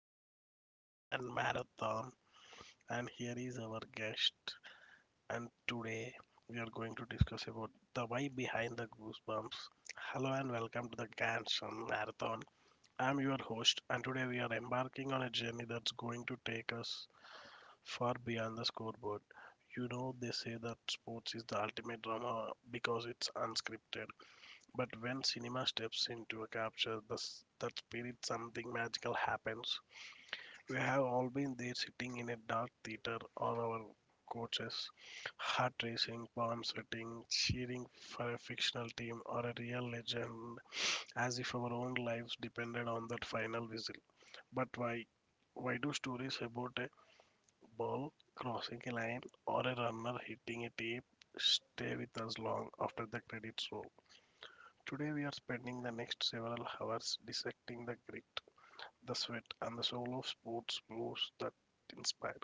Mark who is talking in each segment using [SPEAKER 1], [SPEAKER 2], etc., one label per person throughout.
[SPEAKER 1] with the Grandstand Marathon, and here is our guest. And today we are going to discuss about the why behind the goosebumps. Hello, and welcome to the Grandstand Marathon. I'm your host, and today we are embarking on a journey that's going to take us far beyond the scoreboard. You know, they say that sports is the ultimate drama because it's unscripted. But when cinema steps in to capture that spirit, something magical happens. We have all been there sitting in a dark theater or our coaches, heart racing, palm sweating, cheering for a fictional team or a real legend, as if our own lives depended on that final whistle. But why? Why do stories about a ball crossing a line or a runner hitting a tape stay with us long after the credits roll? Today we are spending the next several hours dissecting the grit, the sweat, and the soul of sports moves that inspire.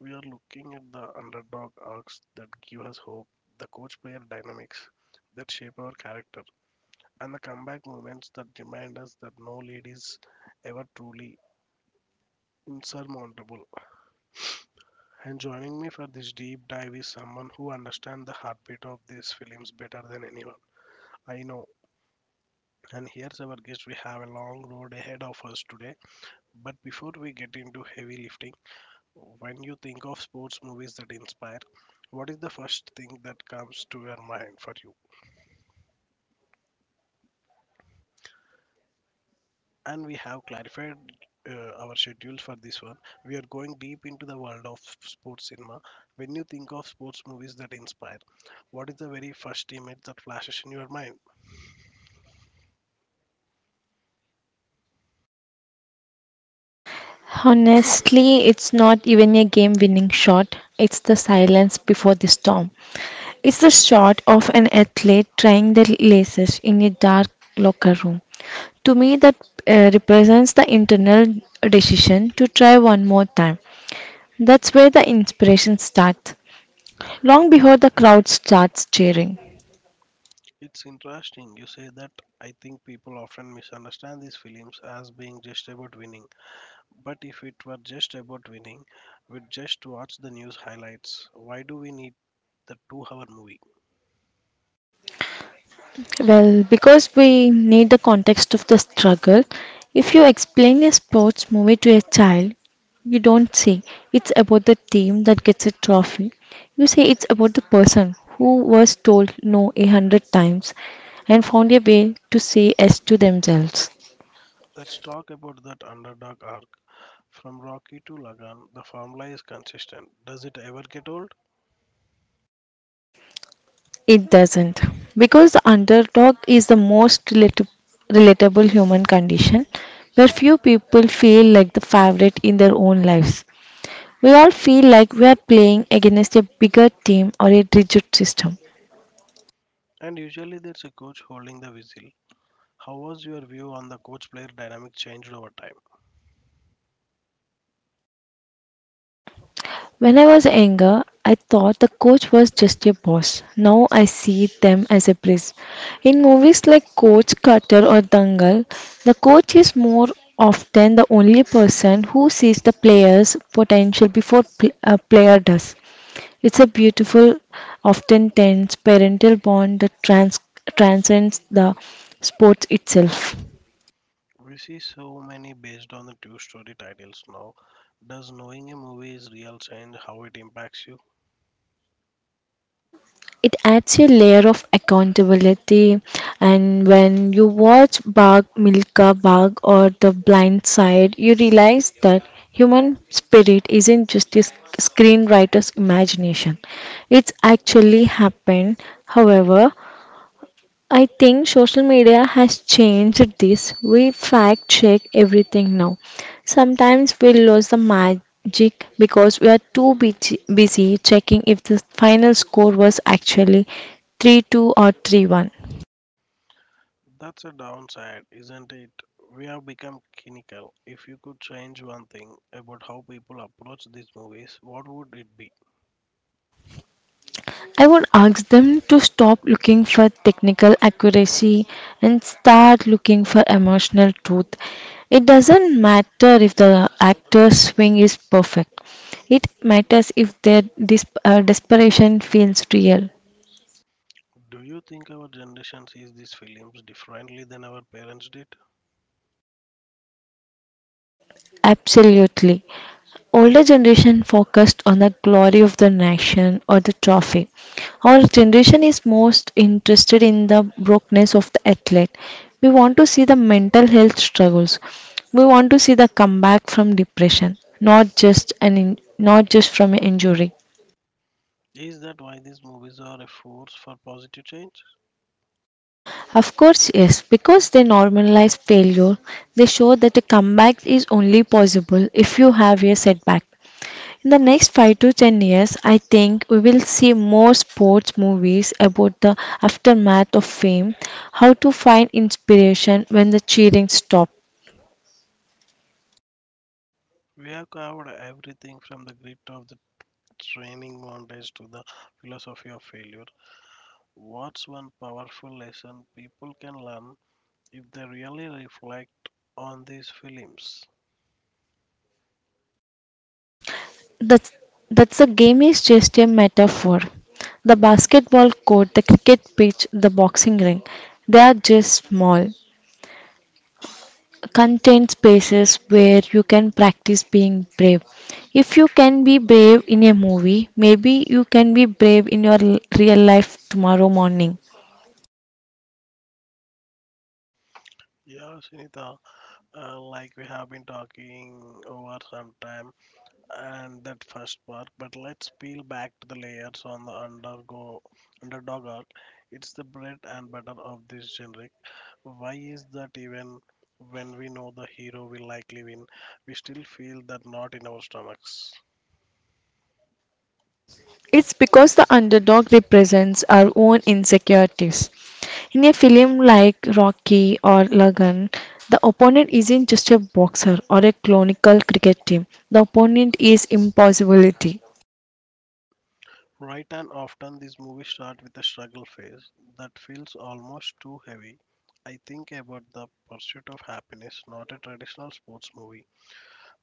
[SPEAKER 1] We are looking at the underdog arcs that give us hope, the coach player dynamics that shape our character, and the comeback moments that remind us that no lead is ever truly insurmountable. And joining me for this deep dive is someone who understands the heartbeat of these films better than anyone I know. And here's our guest. We have a long road ahead of us today. But before we get into heavy lifting, when you think of sports movies that inspire, what is the first thing that comes to your mind for you? And we have clarified our schedules for this one. We are going deep into the world of sports cinema. When you think of sports movies that inspire, what is the very first image that flashes in your mind?
[SPEAKER 2] Honestly, it's not even a game winning shot. It's the silence before the storm. It's the shot of an athlete trying their laces in a dark locker room. To me, that represents the internal decision to try one more time. That's where the inspiration starts, long before the crowd starts cheering.
[SPEAKER 1] It's interesting you say that. I think people often misunderstand these films as being just about winning. But if it were just about winning, we'd just watch the news highlights. Why do we need the 2 hour movie?
[SPEAKER 2] Well, because we need the context of the struggle, if you explain a sports movie to a child, you don't say it's about the team that gets a trophy. You say it's about the person who was told no 100 times and found a way to say yes to themselves.
[SPEAKER 1] Let's talk about that underdog arc. From Rocky to Lagan, the formula is consistent. Does it ever get old?
[SPEAKER 2] It doesn't. Because the underdog is the most relatable human condition where few people feel like the favorite in their own lives. We all feel like we are playing against a bigger team or a rigid system.
[SPEAKER 1] And usually there's a coach holding the whistle. How was your view on the coach player dynamic changed over time?
[SPEAKER 2] When I was younger, I thought the coach was just a boss. Now I see them as a place. In movies like Coach, Cutter, or Dangal, the coach is more often the only person who sees the player's potential before a player does. It's a beautiful, often tense parental bond that transcends the sport itself.
[SPEAKER 1] We see so many based on the two-story titles now. Does knowing a movie is real change how it impacts you?
[SPEAKER 2] It adds a layer of accountability, and when you watch Bag Milka Bag or The Blind Side, you realize that human spirit isn't just a screenwriter's imagination, it's actually happened. However, I think social media has changed this. We fact check everything now. Sometimes we lose the magic because we are too busy checking if the final score was actually 3-2 or 3-1.
[SPEAKER 1] That's a downside, isn't it? We have become cynical. If you could change one thing about how people approach these movies, what would it be?
[SPEAKER 2] I would ask them to stop looking for technical accuracy and start looking for emotional truth. It doesn't matter if the actor's swing is perfect, it matters if their desperation feels real.
[SPEAKER 1] Do you think our generation sees these films differently than our parents did?
[SPEAKER 2] Absolutely. Older generation focused on the glory of the nation or the trophy. Our generation is most interested in the brokenness of the athlete. We want to see the mental health struggles. We want to see the comeback from depression, not just from an injury.
[SPEAKER 1] Is that why these movies are a force for positive change?
[SPEAKER 2] Of course, yes, because they normalize failure, they show that a comeback is only possible if you have a setback. In the next 5 to 10 years, I think we will see more sports movies about the aftermath of fame, how to find inspiration when the cheering stops.
[SPEAKER 1] We have covered everything from the grit of the training montage to the philosophy of failure. What's one powerful lesson people can learn if they really reflect on these films?
[SPEAKER 2] That's, that's the game is just a metaphor. The basketball court, the cricket pitch, the boxing ring, they are just small, contained spaces where you can practice being brave. If you can be brave in a movie, maybe you can be brave in your real life tomorrow morning.
[SPEAKER 1] Yeah, Sunita, like we have been talking over some time and that first part, but let's peel back to the layers on the undergo underdog arc. It's the bread and butter of this generic. Why is that even when we know the hero will likely win, we still feel that knot in our stomachs?
[SPEAKER 2] It's because the underdog represents our own insecurities. In a film like Rocky or Lagan, the opponent isn't just a boxer or a clonical cricket team. The opponent is impossibility.
[SPEAKER 1] Right, and often these movies start with a struggle phase that feels almost too heavy. I think about the Pursuit of Happiness, not a traditional sports movie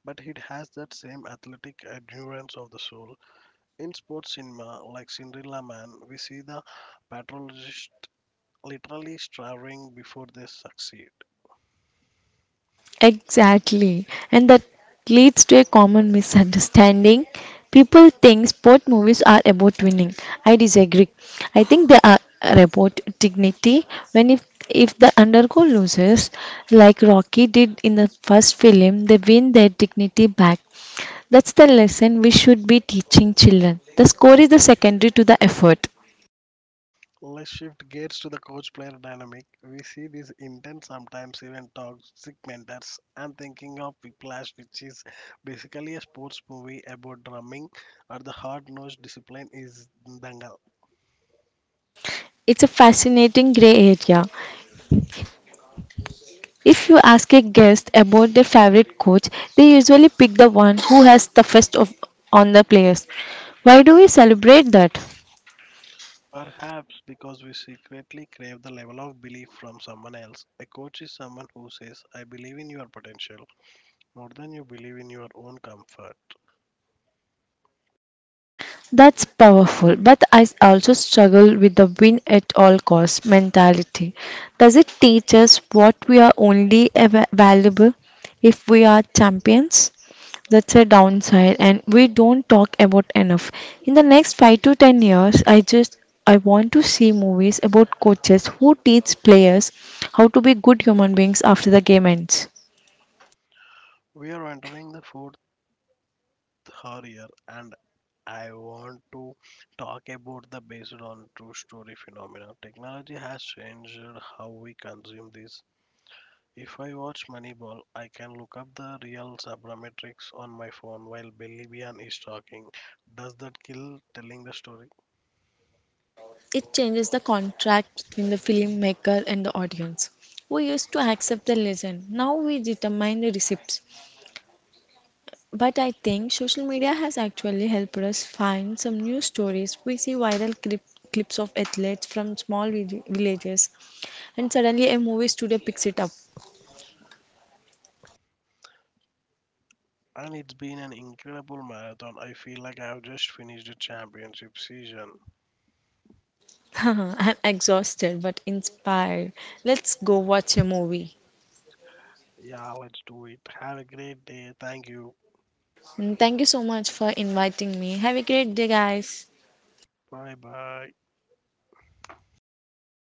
[SPEAKER 1] but it has that same athletic endurance of the soul. In sports cinema, like Cinderella Man, we see the patrologist literally striving before they succeed.
[SPEAKER 2] Exactly. And that leads to a common misunderstanding. People think sport movies are about winning. I disagree. I think they are about dignity. When if the undergo loses, like Rocky did in the first film, they win their dignity back. That's the lesson we should be teaching children. The score is the secondary to the effort.
[SPEAKER 1] Let's shift gears to the coach player dynamic. We see these intense, sometimes even toxic mentors. I'm thinking of Whiplash, which is basically a sports movie about drumming, or the hard nosed discipline is Dangal.
[SPEAKER 2] It's a fascinating gray area. If you ask a guest about their favorite coach, they usually pick the one who has the toughest on the players. Why do we celebrate that?
[SPEAKER 1] Perhaps because we secretly crave the level of belief from someone else. A coach is someone who says, I believe in your potential more than you believe in your own comfort.
[SPEAKER 2] That's powerful, but I also struggle with the win at all cost mentality. Does it teach us what we are only ever valuable if we are champions? That's a downside, and we don't talk about enough. In the next 5 to 10 years, I want to see movies about coaches who teach players how to be good human beings after the game ends.
[SPEAKER 1] We are entering the fourth year, and I want to talk about the based on true story phenomenon. Technology has changed how we consume this. If I watch Moneyball, I can look up the real sabermetrics on my phone while Billy Bean is talking. Does that kill telling the story?
[SPEAKER 2] It changes the contract between the filmmaker and the audience. We used to accept the lesson. Now we determine the receipts. But I think social media has actually helped us find some new stories. We see viral clips of athletes from small villages. And suddenly a movie studio picks it up.
[SPEAKER 1] And it's been an incredible marathon. I feel like I've just finished a championship season.
[SPEAKER 2] I'm exhausted but inspired. Let's go watch a movie.
[SPEAKER 1] Yeah, let's do it. Have a great day. Thank you.
[SPEAKER 2] And thank you so much for inviting me. Have a great day, guys.
[SPEAKER 1] Bye bye.